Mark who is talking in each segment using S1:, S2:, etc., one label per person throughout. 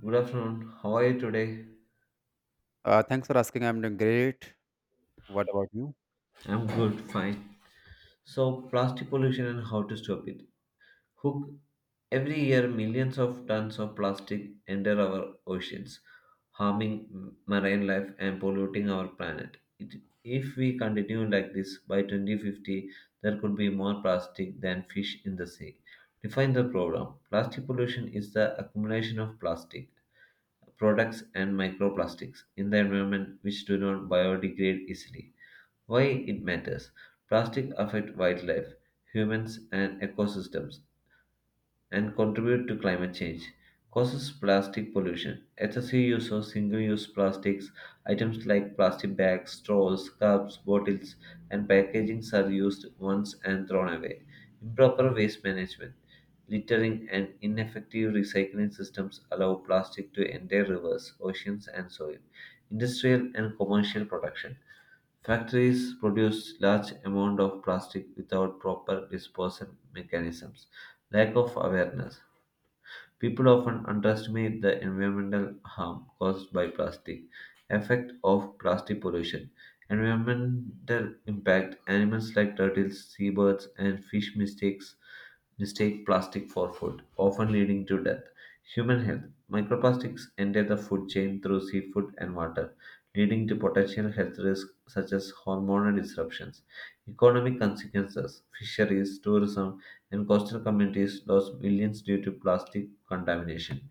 S1: Good afternoon. How are you today?
S2: Thanks for asking. I'm doing great. What about you?
S1: I'm good, fine. So, plastic pollution and how to stop it. Hook, every year millions of tons of plastic enter our oceans, harming marine life and polluting our planet. It, if we continue like this, by 2050, there could be more plastic than fish in the sea. Define the problem. Plastic pollution is the accumulation of plastic products and microplastics in the environment which do not biodegrade easily. Why it matters? Plastic affect wildlife, humans and ecosystems and contribute to climate change, causes plastic pollution. Excessive use of single use plastics, items like plastic bags, straws, cups, bottles, and packagings are used once and thrown away. Improper waste management, littering, and ineffective recycling systems allow plastic to enter rivers, oceans, and soil. Industrial and commercial production. Factories produce large amount of plastic without proper disposal mechanisms. Lack of awareness. People often underestimate the environmental harm caused by plastic. Effect of plastic pollution. Environmental impact. Animals like turtles, seabirds, and fish mistake plastic for food, often leading to death. Human health. Microplastics enter the food chain through seafood and water, leading to potential health risks such as hormonal disruptions. Economic consequences. Fisheries, tourism, and coastal communities lost millions due to plastic contamination.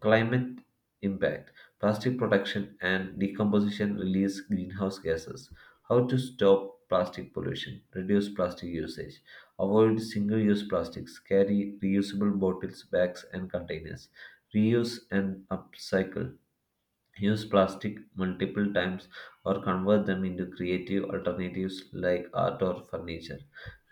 S1: Climate impact. Plastic production and decomposition release greenhouse gases. How to stop plastic pollution, reduce plastic usage, avoid single use plastics, carry reusable bottles, bags, and containers, reuse and upcycle. Use plastic multiple times or convert them into creative alternatives like art or furniture.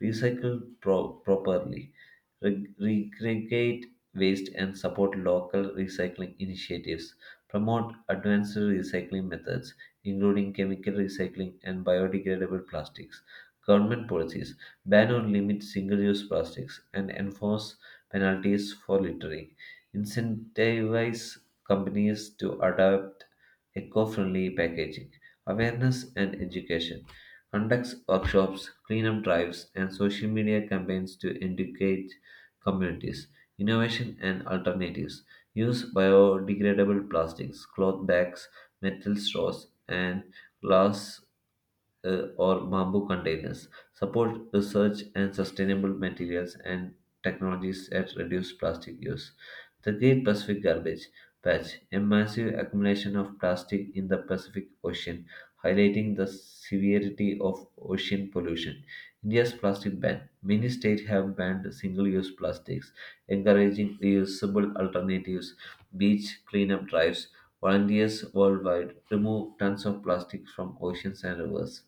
S1: Recycle properly. Re- Recreate waste and support local recycling initiatives. Promote advanced recycling methods, including chemical recycling and biodegradable plastics. Government policies, ban or limit single use plastics and enforce penalties for littering. Incentivize companies to adopt eco-friendly packaging. Awareness and education, conducts workshops, cleanup drives, and social media campaigns to educate communities. Innovation and alternatives, use biodegradable plastics, cloth bags, metal straws, and glass or bamboo containers, support research and sustainable materials and technologies that reduce plastic use. The Great Pacific Garbage Patch, a massive accumulation of plastic in the Pacific Ocean, highlighting the severity of ocean pollution. India's plastic ban. Many states have banned single use plastics, encouraging reusable alternatives, beach cleanup drives, volunteers worldwide remove tons of plastic from oceans and rivers.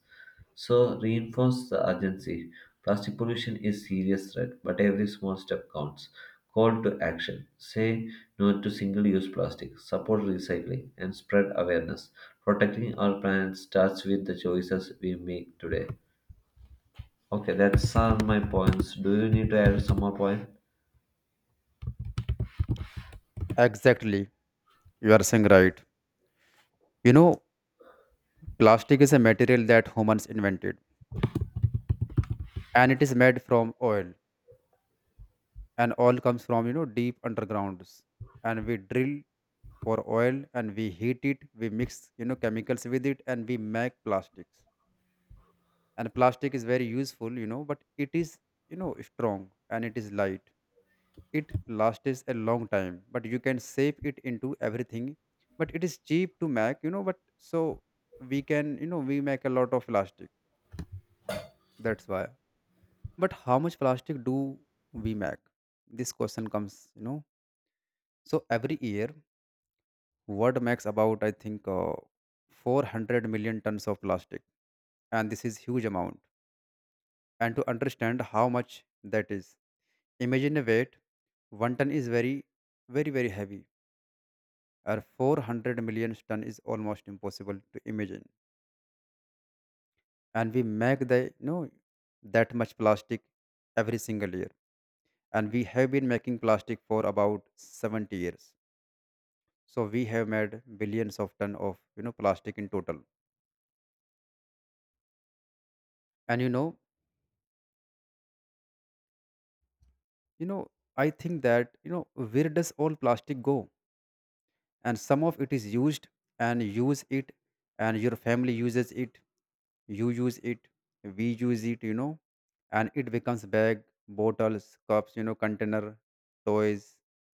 S1: So reinforce the urgency. Plastic pollution is serious threat, but every small step counts. Call to action. Say no to single-use plastic. Support recycling and spread awareness. Protecting our planet starts with the choices we make today. Okay, that's all my points. Do you need to add some more point?
S2: Exactly. You are saying right. You know, Plastic is a material that humans invented, and it is made from oil, and oil comes from deep undergrounds, and we drill for oil, and we heat it, we mix chemicals with it, and we make plastics. And plastic is very useful, but it is strong and it is light. It lasts a long time, but you can shape it into everything. But it is cheap to make, but so we can, we make a lot of plastic. That's why. But how much plastic do we make? This question comes, so every year world makes about, I think, 400 million tons of plastic, and this is huge amount. And to understand how much that is, imagine a weight. One ton is very very very heavy, or 400 million ton is almost impossible to imagine. And we make the, that much plastic every single year. And we have been making plastic for about 70 years, so we have made billions of ton of plastic in total. And you know I think that, where does all plastic go? And some of it is used, and use it, and your family uses it, you use it, we use it, and it becomes bag, bottles, cups, container, toys,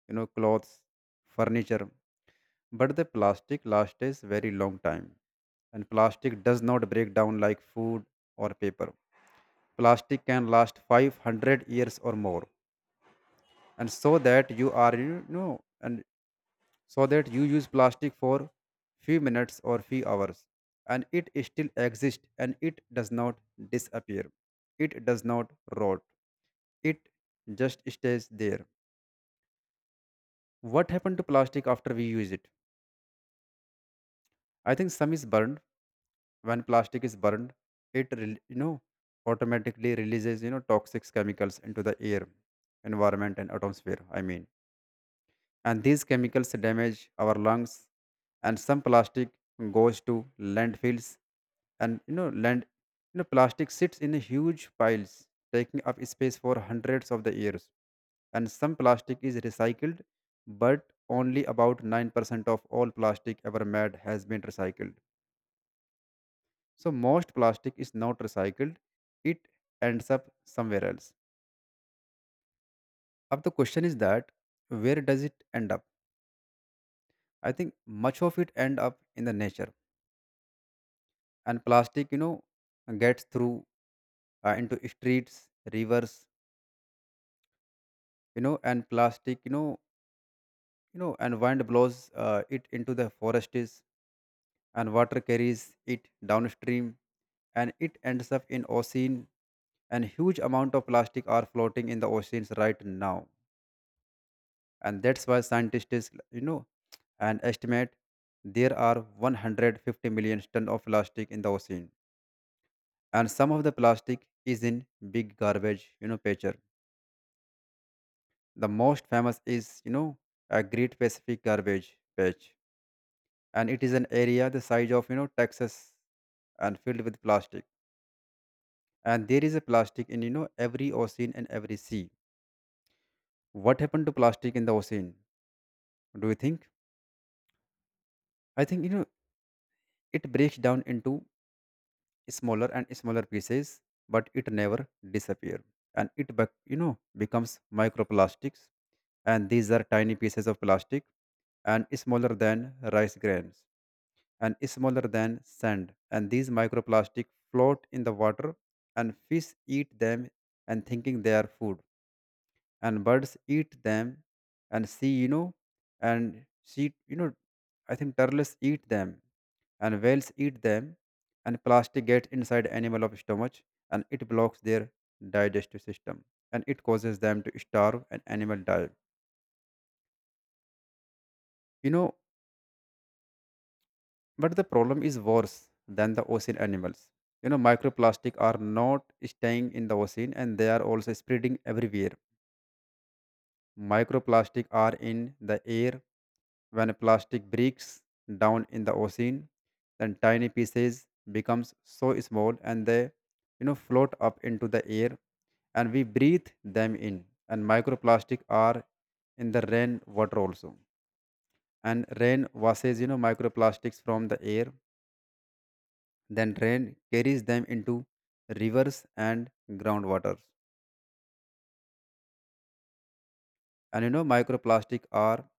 S2: clothes, furniture. But the plastic lasts is very long time, and plastic does not break down like food or paper. Plastic can last 500 years or more. And so that you are, and so that you use plastic for few minutes or few hours, and it still exists, and it does not disappear, it does not rot, it just stays there. What happened to plastic after we use it? I think some is burned. When plastic is burned, it automatically releases toxic chemicals into the air, environment and atmosphere, I mean. And these chemicals damage our lungs. And some plastic goes to landfills, and land, plastic sits in huge piles taking up space for hundreds of the years. And some plastic is recycled, but only about 9% of all plastic ever made has been recycled. So most plastic is not recycled, it ends up somewhere else. Now the question is that, where does it end up? I think much of it end up in the nature. And plastic, gets through into streets, rivers, and plastic, and wind blows it into the forests, and water carries it downstream, and it ends up in ocean. And huge amount of plastic are floating in the oceans right now. And that's why scientists, and estimate there are 150 million ton of plastic in the ocean. And some of the plastic is in big garbage, patches. The most famous is, a Great Pacific Garbage Patch, and it is an area the size of, Texas, and filled with plastic. And there is a plastic in, every ocean and every sea. What happened to plastic in the ocean? Do you think? I think, it breaks down into smaller and smaller pieces, but it never disappears. And it, becomes microplastics. And these are tiny pieces of plastic, and smaller than rice grains, and smaller than sand. And these microplastic float in the water, and fish eat them and thinking they are food, and birds eat them and see, you know, and see, you know, I think turtles eat them, and whales eat them, and plastic gets inside animal of stomach, and it blocks their digestive system, and it causes them to starve, and animal die. You know. But the problem is worse than the ocean animals. Microplastic are not staying in the ocean, and they are also spreading everywhere. Microplastic are in the air. When plastic breaks down in the ocean, then tiny pieces becomes so small, and they, float up into the air, and we breathe them in. And microplastic are in the rain water also, and rain washes microplastics from the air. Then rain carries them into rivers and groundwaters. And microplastic are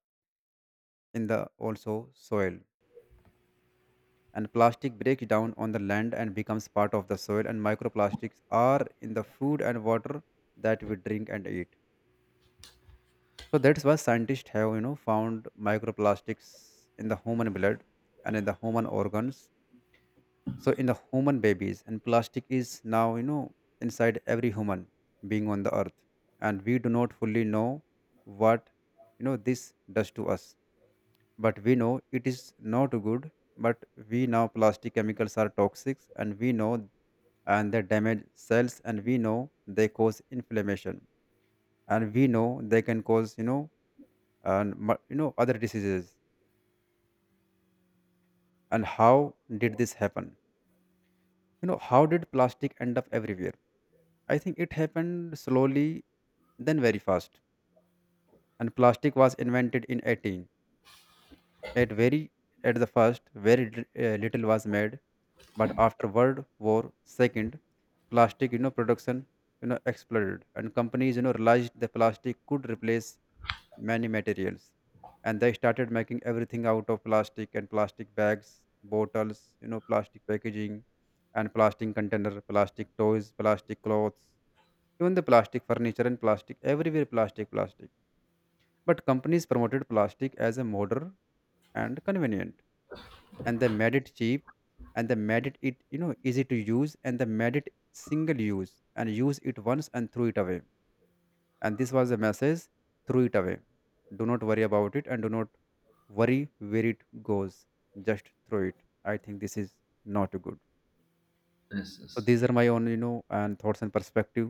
S2: in the also soil. And plastic breaks down on the land and becomes part of the soil. And microplastics are in the food and water that we drink and eat. So that's why scientists have found microplastics in the human blood and in the human organs, so in the human babies. And plastic is now, inside every human being on the earth. And we do not fully know what, this does to us, but we know it is not good. But we know plastic chemicals are toxic, and we know, and they damage cells, and we know they cause inflammation, and we know they can cause, you know and mu- you know other diseases. And how did this happen? How did plastic end up everywhere? I think it happened slowly, then very fast. And plastic was invented in 18. At very at the first, very little was made, but after World War Second, plastic, production, exploded, and companies, realized the plastic could replace many materials, and they started making everything out of plastic, and plastic bags, bottles, plastic packaging, and plastic container, plastic toys, plastic clothes, even the plastic furniture, and plastic everywhere, plastic plastic. But companies promoted plastic as a modern and convenient, and they made it cheap, and they made it, easy to use, and they made it single use, and use it once and threw it away. And this was the message: threw it away, do not worry about it, and do not worry where it goes, just throw it. I think this is not good.
S1: Yes,
S2: So
S1: yes.
S2: these are my own, and thoughts and perspective.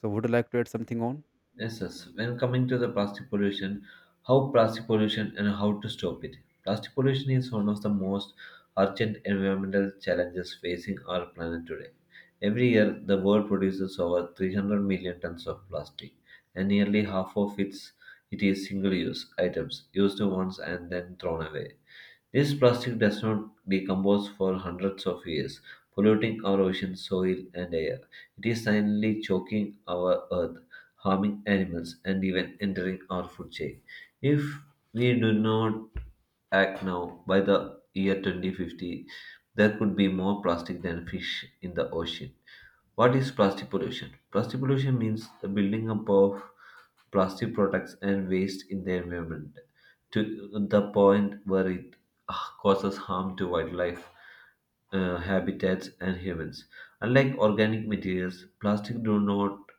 S2: So would you like to add something on?
S1: Yes, yes. When coming to the plastic pollution, how plastic pollution and how to stop it. Plastic pollution is one of the most urgent environmental challenges facing our planet today. Every year, the world produces over 300 million tons of plastic, and nearly half of its it is single-use items used once and then thrown away. This plastic does not decompose for hundreds of years, polluting our oceans, soil, and air. It is silently choking our earth, harming animals, and even entering our food chain. If we do not act now, by the year 2050, there could be more plastic than fish in the ocean. What is plastic pollution? Plastic pollution means the building up of plastic products and waste in the environment to the point where it uh, causes harm to wildlife habitats, and humans. Unlike organic materials, plastic do not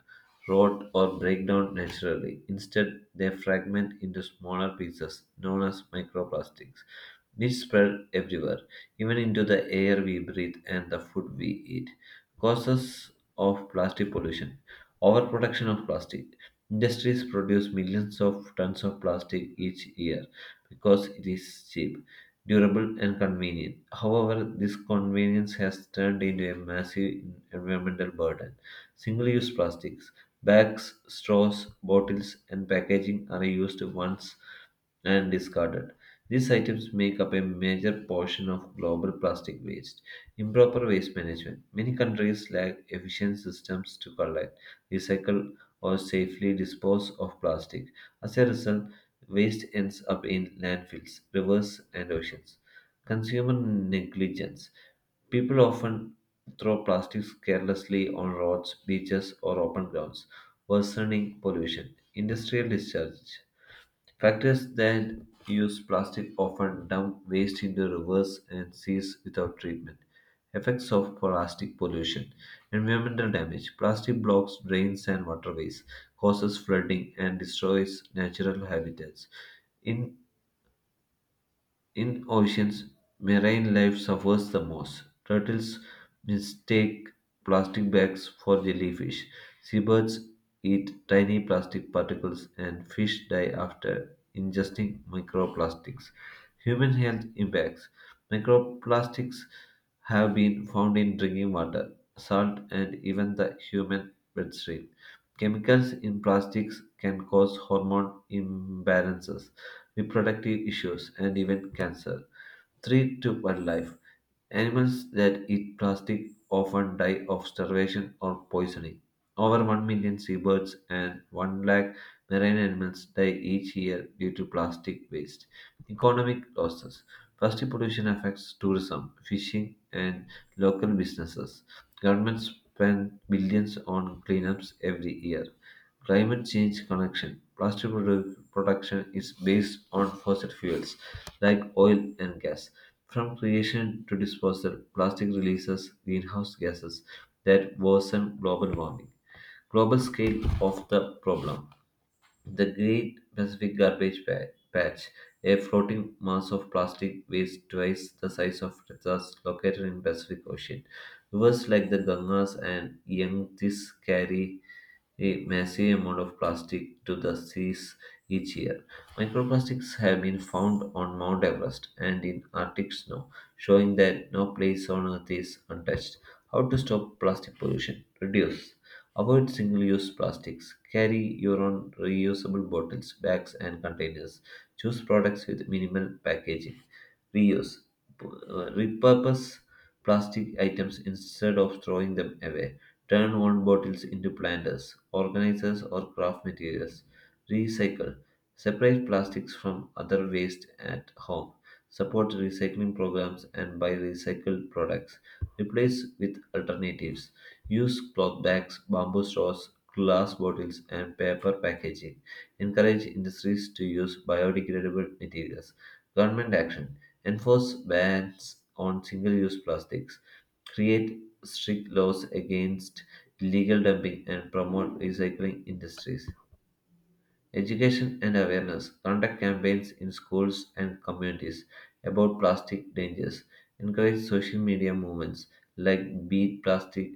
S1: rot or break down naturally. Instead, they fragment into smaller pieces known as microplastics, which spread everywhere, even into the air we breathe and the food we eat. Causes of plastic pollution. Overproduction of plastic. Industries produce millions of tons of plastic each year because it is cheap, durable, and convenient. However, this convenience has turned into a massive environmental burden. Single use plastics, bags, straws, bottles, and packaging are used once and discarded. These items make up a major portion of global plastic waste. Improper waste management. Many countries lack efficient systems to collect, recycle, or safely dispose of plastic. As a result, waste ends up in landfills, rivers, and oceans. Consumer negligence. People often throw plastics carelessly on roads, beaches, or open grounds, worsening pollution. Industrial discharge. Factories that use plastic often dump waste into rivers and seas without treatment. Effects of plastic pollution. Environmental damage. Plastic blocks drains and waterways, causes flooding, and destroys natural habitats. In in oceans, marine life suffers the most. Turtles mistake plastic bags for jellyfish. Seabirds eat tiny plastic particles, and fish die after ingesting microplastics. Human health impacts. Microplastics have been found in drinking water, salt, and even the human bloodstream. Chemicals in plastics can cause hormone imbalances, reproductive issues, and even cancer. 3 to 1 life. Animals that eat plastic often die of starvation or poisoning. Over 1 million seabirds and 1 lakh marine animals die each year due to plastic waste. Economic losses. Plastic pollution affects tourism, fishing, and local businesses. Governments spend billions on cleanups every year. Climate change connection. Plastic production is based on fossil fuels like oil and gas. From creation to disposal, plastic releases greenhouse gases that worsen global warming. Global scale of the problem. The Great Pacific Garbage Patch, a floating mass of plastic waste twice the size of Texas, located in Pacific Ocean. Rivers like the Ganges and Yangtze carry a massive amount of plastic to the seas each year. Microplastics have been found on Mount Everest and in Arctic snow, showing that no place on Earth is untouched. How to stop plastic pollution? Reduce. Avoid single use plastics. Carry your own reusable bottles, bags, and containers. Choose products with minimal packaging. Reuse. Repurpose plastic items instead of throwing them away. Turn old bottles into planters, organizers, or craft materials. Recycle. Separate plastics from other waste at home. Support recycling programs and buy recycled products. Replace with alternatives. Use cloth bags, bamboo straws, glass bottles, and paper packaging. Encourage industries to use biodegradable materials. Government action, enforce bans on single use plastics, create strict laws against illegal dumping, and promote recycling industries. Education and awareness, conduct campaigns in schools and communities about plastic dangers. Encourage social media movements like Beat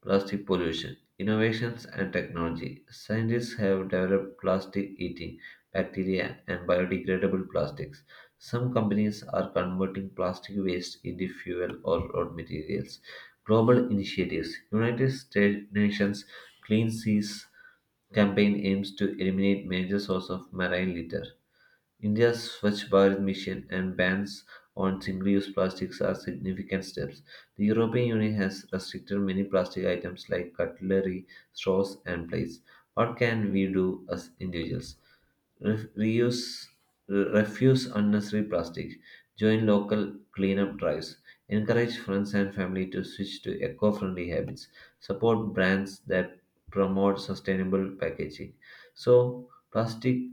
S1: plastic pollution. Innovations and technology. Scientists have developed plastic eating bacteria and biodegradable plastics. Some companies are converting plastic waste into fuel or road materials. Global initiatives. United States Nations Clean Seas campaign aims to eliminate major source of marine litter. India's Swachh Bharat Mission and bans on single-use plastics are significant steps. The European Union has restricted many plastic items like cutlery, straws, and plates. What can we do as individuals? Reuse, refuse unnecessary plastic. Join local cleanup drives. Encourage friends and family to switch to eco-friendly habits. Support brands that promote sustainable packaging. So, plastic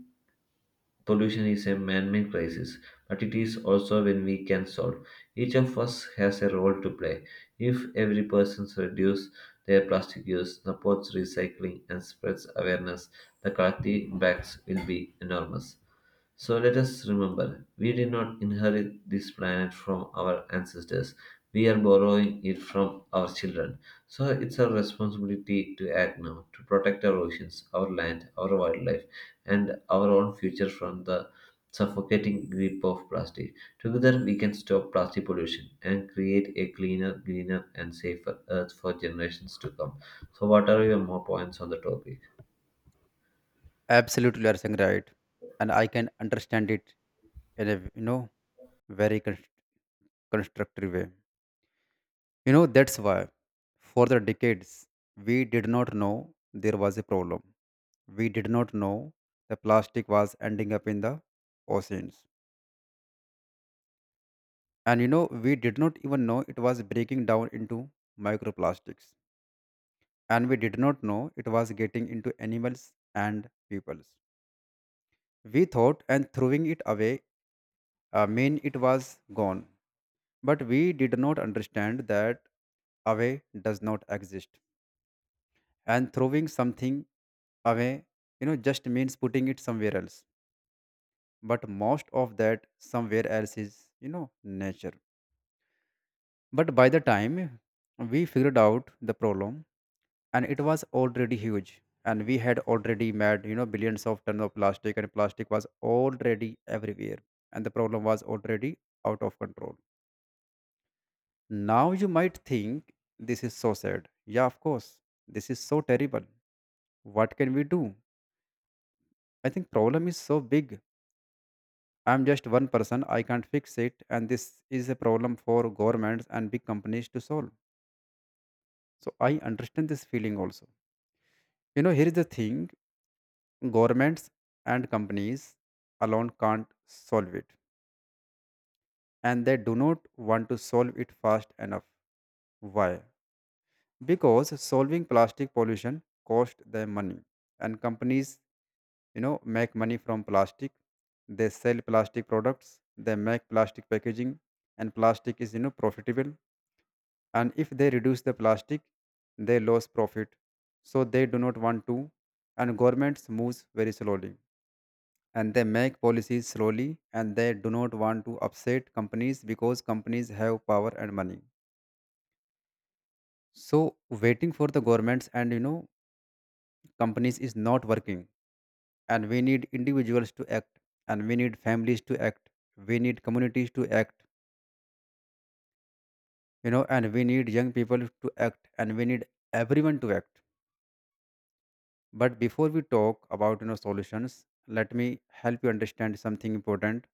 S1: pollution is a man-made crisis, but it is also one we can solve. Each of us has a role to play. If every person reduces their plastic use, supports recycling, and spreads awareness, the collective impacts will be enormous. So let us remember, we did not inherit this planet from our ancestors, we are borrowing it from our children. So it's our responsibility to act now to protect our oceans, our land, our wildlife, and our own future from the suffocating grip of plastic. Together, we can stop plastic pollution and create a cleaner, greener, and safer Earth for generations to come. So, what are your more points on the topic?
S2: Absolutely, you are saying right, and I can understand it in a, very constructive way. That's why for the decades we did not know there was a problem. We did not know the plastic was ending up in the oceans. And we did not even know it was breaking down into microplastics. And we did not know it was getting into animals and peoples. We thought and throwing it away mean it was gone. But we did not understand that away does not exist, and throwing something away just means putting it somewhere else, but most of that somewhere else is nature. But by the time we figured out the problem, and it was already huge, and we had already made billions of tons of plastic, and plastic was already everywhere, and the problem was already out of control. Now you might think this is so sad, yeah, of course. This is so terrible, what can we do? I think problem is so big. I'm just one person, I can't fix it, and this is a problem for governments and big companies to solve. So I understand this feeling also. Here is the thing: governments and companies alone can't solve it, and they do not want to solve it fast enough. Why? Because solving plastic pollution costs them money, and companies, make money from plastic. They sell plastic products, they make plastic packaging, and plastic is, profitable. And if they reduce the plastic, they lose profit, so they do not want to. And governments moves very slowly, and they make policies slowly, and they do not want to upset companies because companies have power and money. So waiting for the governments and companies is not working, and we need individuals to act, and we need families to act, we need communities to act, and we need young people to act, and we need everyone to act. But before we talk about solutions, let me help you understand something important.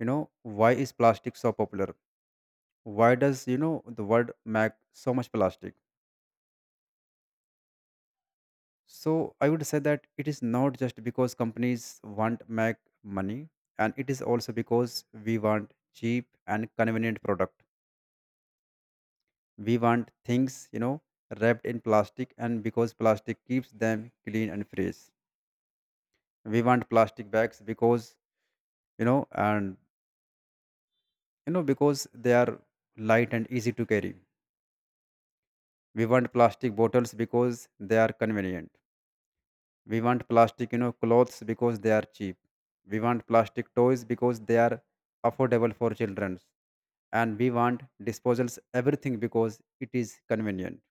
S2: Why is plastic so popular? Why does the world make so much plastic? So I would say that it is not just because companies want make money, and it is also because we want cheap and convenient product. We want things, wrapped in plastic, and because plastic keeps them clean and fresh. We want plastic bags because, you know and you know because they are light and easy to carry. We want plastic bottles because they are convenient. We want plastic, clothes because they are cheap. We want plastic toys because they are affordable for children. And we want disposals everything because it is convenient.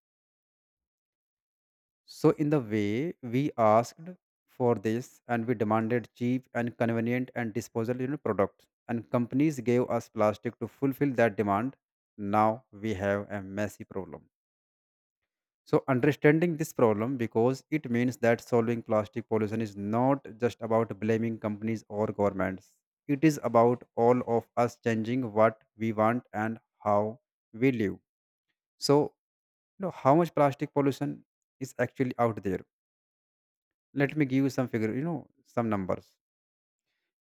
S2: So in the way we asked for this, and we demanded cheap and convenient and disposal, products, and companies gave us plastic to fulfill that demand. Now we have a messy problem. So, understanding this problem because it means that solving plastic pollution is not just about blaming companies or governments. It is about all of us changing what we want and how we live. So, how much plastic pollution is actually out there? Let me give you some figure, some numbers.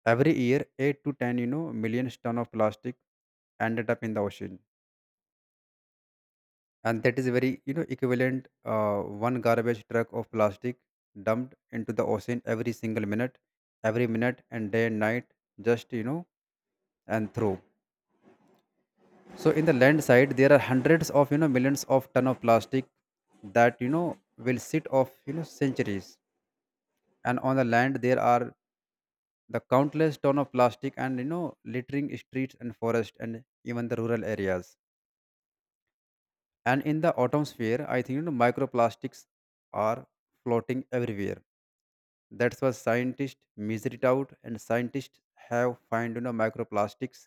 S2: Every year, 8 to 10, millions ton of plastic ended up in the ocean. And that is very equivalent one garbage truck of plastic dumped into the ocean every single minute, every minute and day and night, just, and through. So in the land side, there are hundreds of millions of ton of plastic that will sit of centuries. And on the land, there are the countless ton of plastic, and littering streets and forest and even the rural areas. And in the atmosphere, I think microplastics are floating everywhere. That's why scientists measure it out, and scientists have found microplastics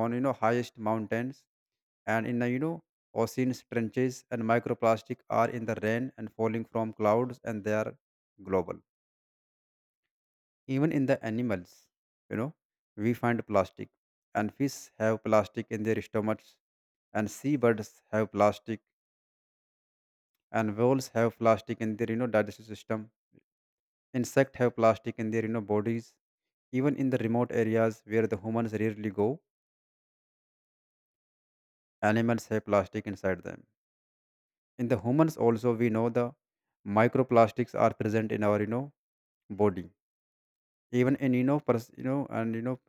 S2: on highest mountains, and in the oceans trenches. And microplastic are in the rain and falling from clouds, and they are global. Even in the animals, you know, we find plastic, and fish have plastic in their stomachs, and seabirds have plastic, and whales have plastic in their digestive system. Insects have plastic in their, bodies. Even in the remote areas where the humans rarely go, animals have plastic inside them. In the humans also, we know the microplastics are present in our body. Even in you know pers- you know and you know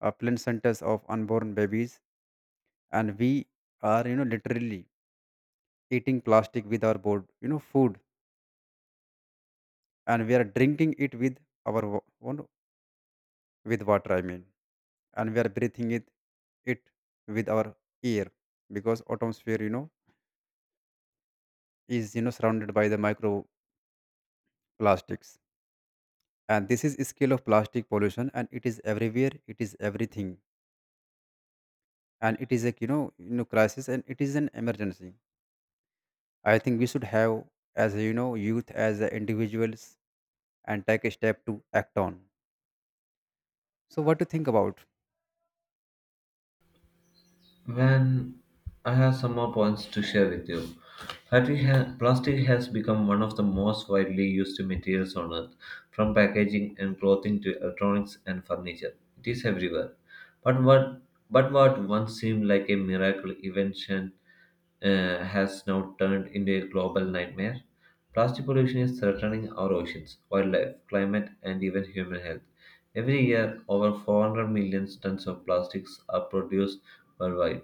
S2: placentas of unborn babies. And we are literally eating plastic with our board, food, and we are drinking it with our wa- one with water, I mean. And we are breathing it with our ear because atmosphere is, surrounded by the microplastics. And this is scale of plastic pollution, and it is everywhere, it is everything. And it is a, crisis, and it is an emergency. I think we should have as a, youth as a individuals, and take a step to act on. So what do you think about?
S1: When I have some more points to share with you. Plastic has become one of the most widely used materials on earth, from packaging and clothing to electronics and furniture. It is everywhere. But what, but what once seemed like a miracle invention has now turned into a global nightmare. Plastic pollution is threatening our oceans, wildlife, climate, and even human health. Every year, over 400 million tons of plastics are produced worldwide,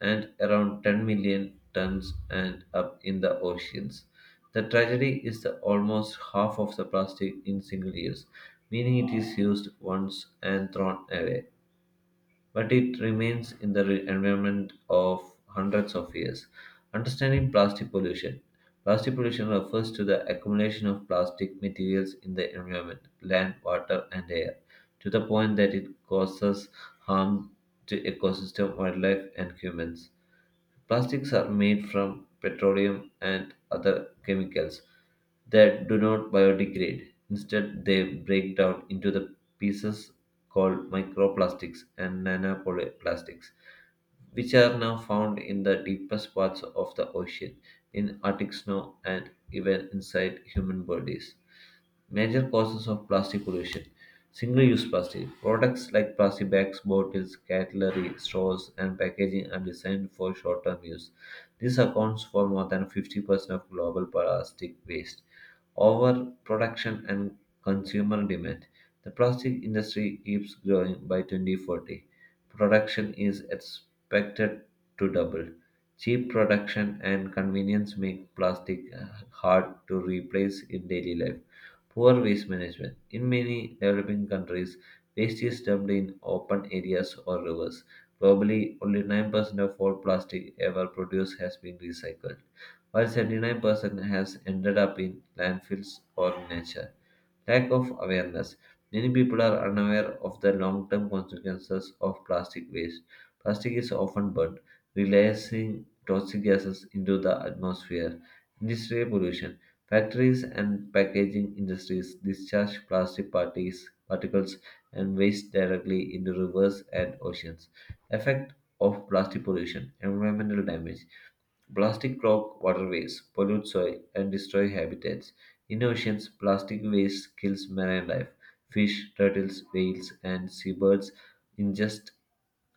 S1: and around 10 million tons end up in the oceans. The tragedy is that almost half of the plastic in single use, meaning it is used once and thrown away but it remains in the environment of hundreds of years. Understanding plastic pollution. Plastic pollution refers to the accumulation of plastic materials in the environment, land, water, and air, to the point that it causes harm to ecosystem, wildlife, and humans. Plastics are made from petroleum and other chemicals that do not biodegrade. Instead, they break down into the pieces called microplastics and nanoplastics, which are now found in the deepest parts of the ocean, in Arctic snow, and even inside human bodies. Major causes of plastic pollution. Single-use plastic. Products like plastic bags, bottles, cutlery, straws, and packaging are designed for short-term use. This accounts for more than 50% of global plastic waste. Overproduction and consumer demand. The plastic industry keeps growing. By 2040, production is expected to double. Cheap production and convenience make plastic hard to replace in daily life. Poor waste management. In many developing countries, waste is dumped in open areas or rivers. Globally, only 9% of all plastic ever produced has been recycled, while 79% has ended up in landfills or nature. Lack of awareness. Many people are unaware of the long term consequences of plastic waste. Plastic is often burned, releasing toxic gases into the atmosphere. Industrial pollution. Factories and packaging industries discharge plastic particles and waste directly into rivers and oceans. Effect of plastic pollution, environmental damage. Plastic clog waterways, pollute soil, and destroy habitats. In oceans, plastic waste kills marine life. Fish, turtles, whales, and seabirds ingest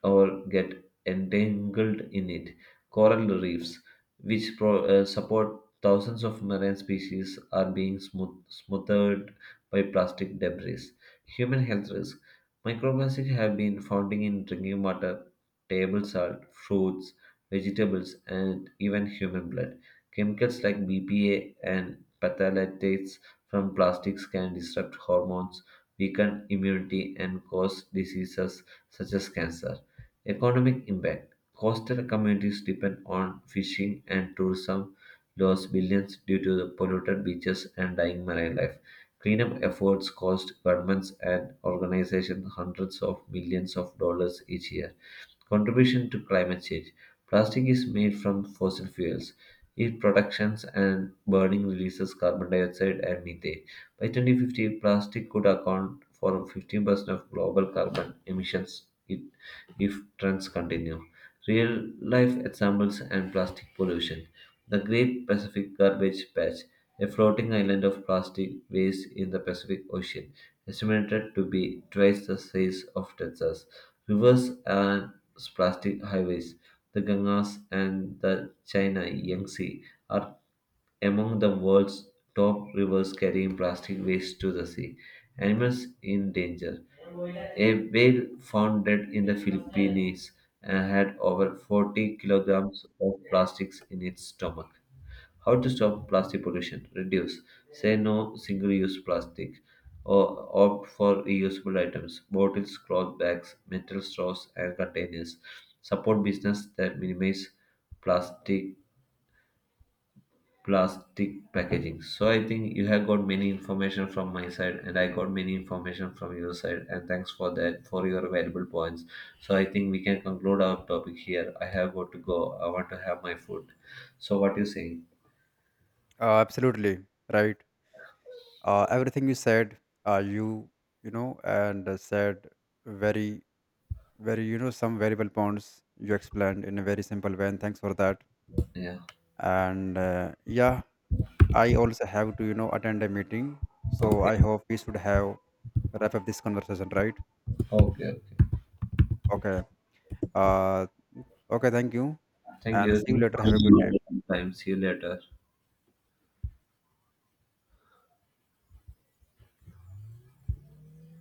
S1: or get entangled in it. Coral reefs, which support thousands of marine species, are being smothered by plastic debris. Human health risk. Microplastics have been found in drinking water, table salt, fruits, vegetables, and even human blood. Chemicals like BPA and phthalates from plastics can disrupt hormones, weaken immunity, and cause diseases such as cancer. Economic impact. Coastal communities depend on fishing and tourism, lost billions due to the polluted beaches and dying marine life. Cleanup efforts cost governments and organizations hundreds of millions of dollars each year. Contribution to climate change. Plastic is made from fossil fuels. Its productions and burning releases carbon dioxide and methane. By 2050, plastic could account for 15% of global carbon emissions if trends continue. Real life examples and plastic pollution. The Great Pacific Garbage Patch, a floating island of plastic waste in the Pacific Ocean, estimated to be twice the size of Texas. Rivers and plastic highways, the Ganges and the China Yangtze, are among the world's top rivers carrying plastic waste to the sea. Animals in danger. A whale found dead in the Philippines had over 40 kilograms of plastics in its stomach. How to stop plastic pollution? Reduce. Say no single use plastic. Or opt for reusable items, bottles, cloth bags, metal straws, and containers. Support business that minimize plastic plastic packaging. So I think you have got many information from my side and I got many information from your side, and thanks for that, for your valuable points. So I think we can conclude our topic here. I have got to go. I want to have my food. So what you saying?
S2: Absolutely right. Everything you said, you, you know and said very where, some variable points you explained in a very simple way, and thanks for that.
S1: Yeah.
S2: And yeah, I also have to attend a meeting, so I
S1: Okay.
S2: hope we should have wrap up this conversation, right?
S1: Okay. Okay.
S2: Okay. uh okay, thank you.
S1: Thank
S2: And
S1: you.
S2: see you
S1: Thank
S2: later, have a good
S1: you
S2: day.
S1: for your time. See you later.